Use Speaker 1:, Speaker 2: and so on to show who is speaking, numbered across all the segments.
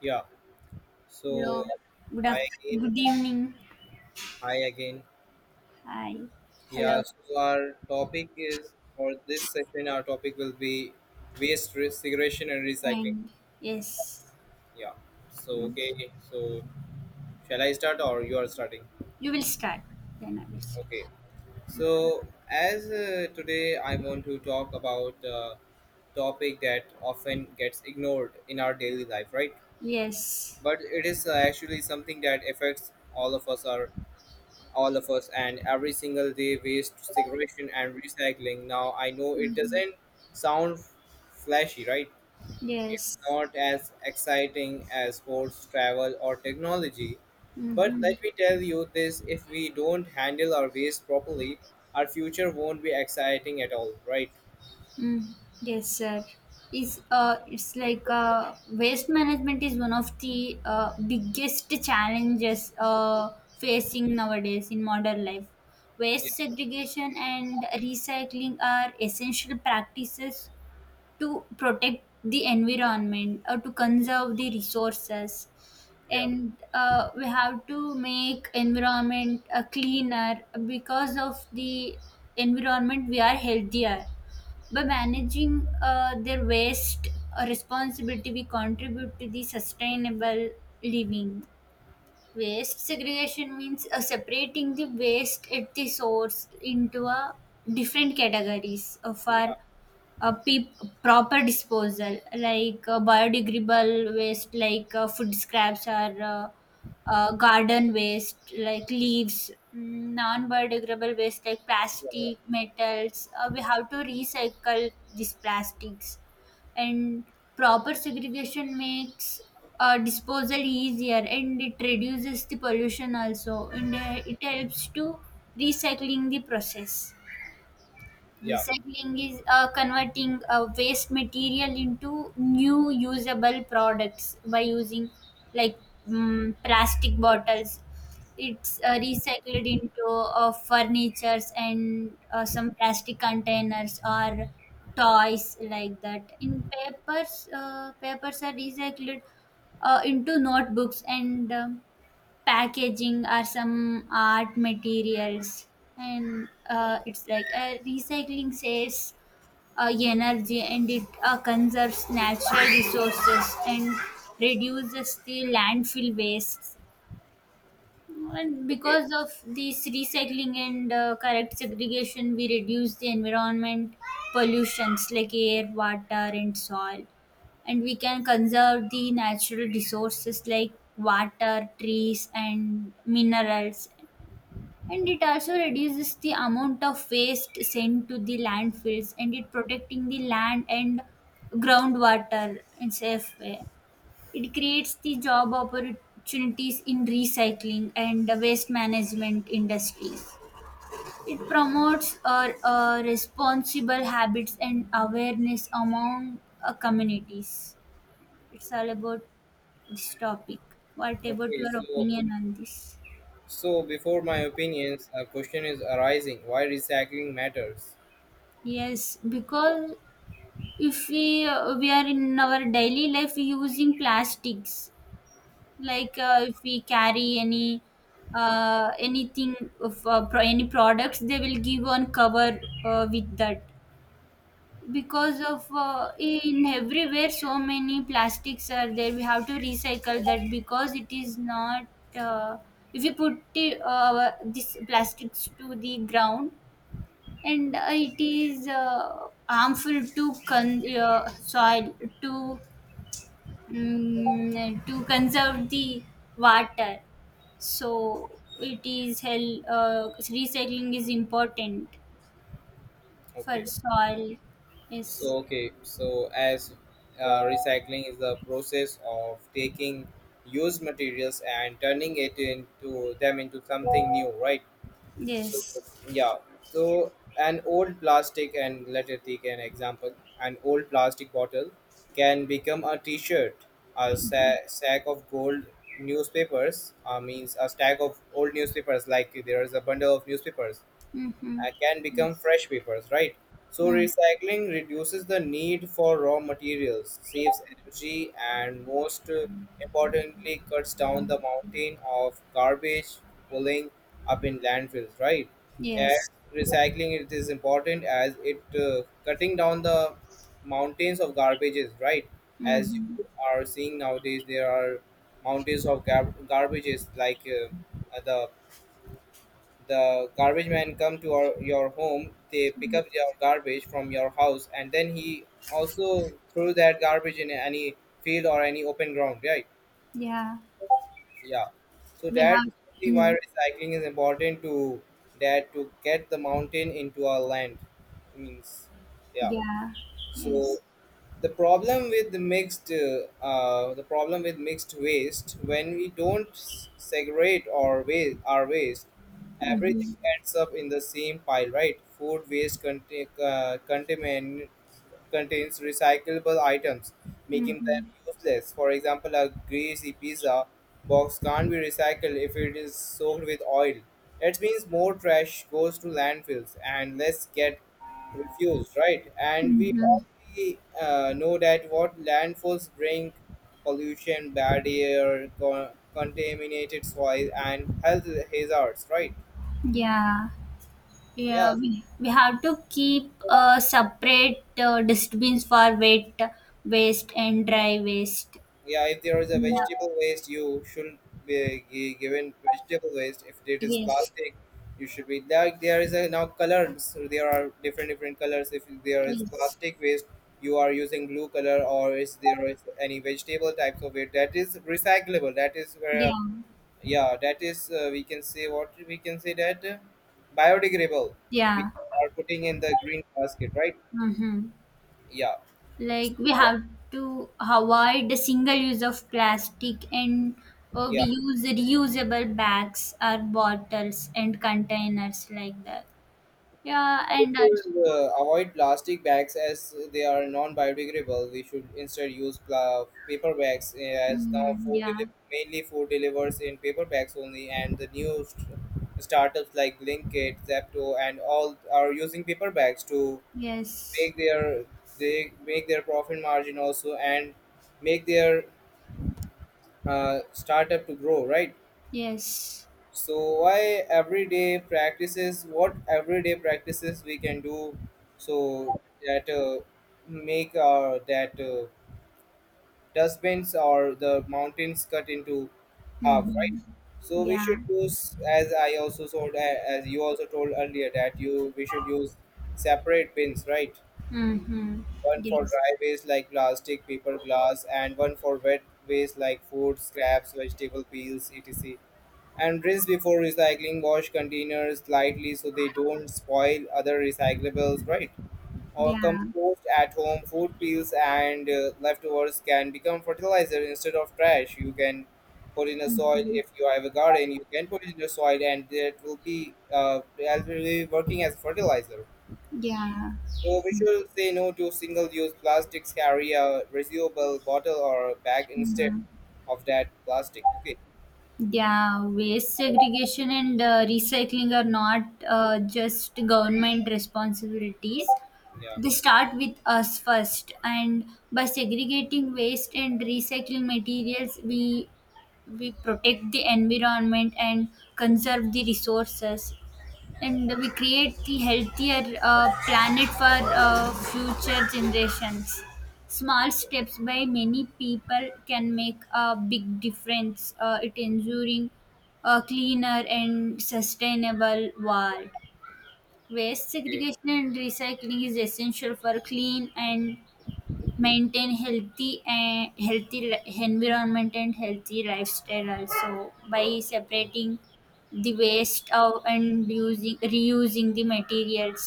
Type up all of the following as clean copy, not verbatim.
Speaker 1: Yeah, so
Speaker 2: Hello.
Speaker 1: hi again,
Speaker 2: Good evening.
Speaker 1: hi again.
Speaker 2: Hi.
Speaker 1: Yeah,
Speaker 2: Hello.
Speaker 1: so our topic is for this session, our topic will be segregation and recycling.
Speaker 2: And yes.
Speaker 1: Yeah, so okay,
Speaker 2: Mm.
Speaker 1: so shall I start or you are starting?
Speaker 2: You will start. Then I will start.
Speaker 1: Okay, so as today I want to talk about a topic that often gets ignored in our daily life, right?
Speaker 2: Yes.
Speaker 1: But it is actually something that affects all of us and every single day, waste segregation and recycling. Now I know it
Speaker 2: Mm-hmm.
Speaker 1: doesn't sound flashy, right? It's
Speaker 2: Yes.
Speaker 1: not as exciting as sports, travel, or technology, but
Speaker 2: Mm-hmm.
Speaker 1: let me tell you this: if we don't handle our waste properly, our future won't be exciting at all, right?
Speaker 2: Mm. Yes, sir. Is it's like waste management is one of the biggest challenges facing nowadays in modern life.
Speaker 1: Yeah.
Speaker 2: Waste segregation and recycling are essential practices to protect the environment or to conserve the resources,
Speaker 1: yeah
Speaker 2: and we have to make environment cleaner. Because of the environment, we are healthier by managing their waste responsibility, we contribute to the sustainable living. Waste segregation means separating the waste at the source into a different categories
Speaker 1: yeah
Speaker 2: for a pe- proper disposal, like biodegradable waste, like food scraps or uh, garden waste, like leaves, non biodegradable waste, like plastic, metals. We have to recycle these plastics, and proper segregation makes disposal easier, and it reduces the pollution also, and it helps to recycling the process.
Speaker 1: yeah
Speaker 2: Recycling is converting waste material into new usable products by using like mm plastic bottles. It's recycled into furnitures and some plastic containers or toys like that. In papers, papers are recycled into notebooks and packaging or some art materials, and it's like recycling saves energy, and it conserves natural resources and reduces the landfill waste. And
Speaker 1: okay.
Speaker 2: because of this recycling and correct segregation, we reduce the environment pollutions like air, water, and soil. And we can conserve the natural resources like water, trees, and minerals. And it also reduces the amount of waste sent to the landfills, and it protecting the land and groundwater in safe way. It creates the job opportunities in recycling and the waste management industries. It promotes responsible habits and awareness among communities. It's all about this topic. What about
Speaker 1: okay
Speaker 2: your
Speaker 1: so
Speaker 2: opinion on this?
Speaker 1: so before my opinions, a question is arising: why recycling matters?
Speaker 2: Yes, because if we we are in our daily life using plastics like if we carry any anything of any products, they will give one cover with that. Because of in everywhere so many plastics are there, we have to recycle that because it is not uh, if you put it, this plastics to the ground. And it is harmful to soil to mm, to conserve the water. So it is recycling is important for
Speaker 1: Okay.
Speaker 2: soil. Yes.
Speaker 1: So okay, so as recycling is the process of taking used materials and turning it into them into something new, right? So
Speaker 2: Yes.
Speaker 1: yeah, so an old plastic and let it take an example, an old plastic bottle can become a T-shirt, a sack of gold newspapers, means a stack of old newspapers, like there is a bundle of newspapers,
Speaker 2: Mm-hmm.
Speaker 1: can become
Speaker 2: Yes.
Speaker 1: fresh papers, right? So
Speaker 2: Mm.
Speaker 1: recycling reduces the need for raw materials, saves energy, and most importantly, cuts down the mountain of garbage pulling up in landfills, right? As
Speaker 2: Yes.
Speaker 1: recycling, it is important as it cutting down the mountains of garbages, right? As
Speaker 2: Mm-hmm.
Speaker 1: you are seeing nowadays, there are mountains of garbages. Uh, the the garbage man come to your home, they pick up your garbage from your house, and then he also threw that garbage in any field or any open ground, right?
Speaker 2: Yeah.
Speaker 1: Yeah, so
Speaker 2: We
Speaker 1: that's
Speaker 2: have.
Speaker 1: the why
Speaker 2: Mm.
Speaker 1: recycling is important, to that, to get the mountain into our land, means, yeah.
Speaker 2: Yeah.
Speaker 1: So
Speaker 2: Yes.
Speaker 1: the problem with mixed waste: when we don't segregate our waste, everything
Speaker 2: Mm-hmm.
Speaker 1: ends up in the same pile, right? Food waste contains recyclable items, making them
Speaker 2: Mm-hmm.
Speaker 1: useless. For example, a greasy pizza box can't be recycled if it is soaked with oil. That means more trash goes to landfills and less get refuse, right? And we
Speaker 2: Mm-hmm.
Speaker 1: already know that what landfills bring: pollution, bad air, contaminated soil, and health hazards, right?
Speaker 2: Yeah.
Speaker 1: Yeah,
Speaker 2: Yeah, we have to keep separate dustbins for wet waste and dry waste.
Speaker 1: yeah. If there is a
Speaker 2: No.
Speaker 1: vegetable waste, you should be given vegetable waste. If it is
Speaker 2: Yes.
Speaker 1: plastic, you should be, like there is a now colors. So there are different different colors. If there is
Speaker 2: Yes.
Speaker 1: plastic waste, you are using blue color, or is there is any vegetable types of it that is recyclable? That is where,
Speaker 2: Yeah.
Speaker 1: yeah, that is, we can say, what we can say that, biodegradable, we
Speaker 2: Yeah.
Speaker 1: are putting in the green basket, right?
Speaker 2: Mm-hmm.
Speaker 1: Yeah, so
Speaker 2: Like we have to avoid the single use of plastic, and we
Speaker 1: yeah,
Speaker 2: use reusable bags or bottles and containers like that. Yeah,
Speaker 1: we
Speaker 2: and also,
Speaker 1: should, avoid plastic bags as they are non-biodegradable. We should instead use paper bags, as now
Speaker 2: mm, yeah.
Speaker 1: mainly food delivers in paper bags only, and the new startups like Blinkit, Zepto, and all are using paper bags to
Speaker 2: Yes.
Speaker 1: make their they make their profit margin also and make their, startup to grow, right?
Speaker 2: Yes.
Speaker 1: So why everyday practices, what everyday practices we can do so that make our that, dustbins or the mountains cut into half, right?
Speaker 2: Mhm.
Speaker 1: So we
Speaker 2: Yeah.
Speaker 1: should use, as I also told, as you also told earlier, that you, we should use separate bins, right?
Speaker 2: Mhm.
Speaker 1: One for
Speaker 2: Yes.
Speaker 1: dry waste like plastic, paper, glass, and one for wet waste like food, scraps, vegetable peels, etc. And rinse before recycling, wash containers lightly so they don't spoil other recyclables, right? Or
Speaker 2: Yeah.
Speaker 1: compost at home, food peels and leftovers can become fertilizer instead of trash. You can put in a soil.
Speaker 2: Mhm.
Speaker 1: If you have a garden, you can put it in the soil and that will be working as fertilizer.
Speaker 2: Yeah.
Speaker 1: So we should say no to single-use plastics. Carry a reusable bottle or bag instead
Speaker 2: Mhm.
Speaker 1: of that plastic. Okay.
Speaker 2: Yeah. Waste segregation and recycling are not just government responsibilities.
Speaker 1: Yeah.
Speaker 2: They start with us first, and by segregating waste and recycling materials, we protect the environment and conserve the resources, and we create the healthier planet for future generations. Small steps by many people can make a big difference. It ensuring a cleaner and sustainable world. Waste
Speaker 1: Okay.
Speaker 2: segregation and recycling is essential for clean and maintain healthy and environment and healthy lifestyle also. By
Speaker 1: Yeah.
Speaker 2: separating the waste of and using reusing the materials,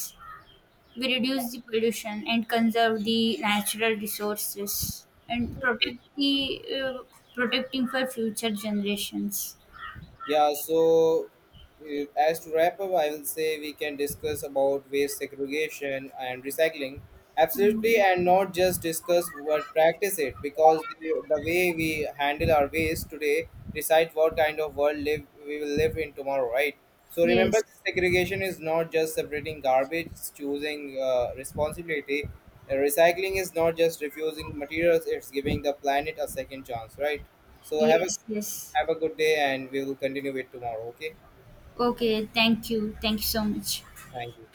Speaker 2: we reduce the pollution and conserve the natural resources and
Speaker 1: Okay.
Speaker 2: protect the protecting for future generations.
Speaker 1: Yeah, so as to wrap up, I will say we can discuss about waste segregation and recycling. Absolutely, and not just discuss but practice it, because the way we handle our waste today decide what kind of world live we will live in tomorrow, right? So remember,
Speaker 2: Yes,
Speaker 1: segregation is not just separating garbage, it's choosing responsibility, and recycling is not just refusing materials, it's giving the planet a second chance, right? So
Speaker 2: yes, yes.
Speaker 1: have a good day and we will continue it tomorrow. Okay,
Speaker 2: Okay, thank you, thank you so much.
Speaker 1: thank you.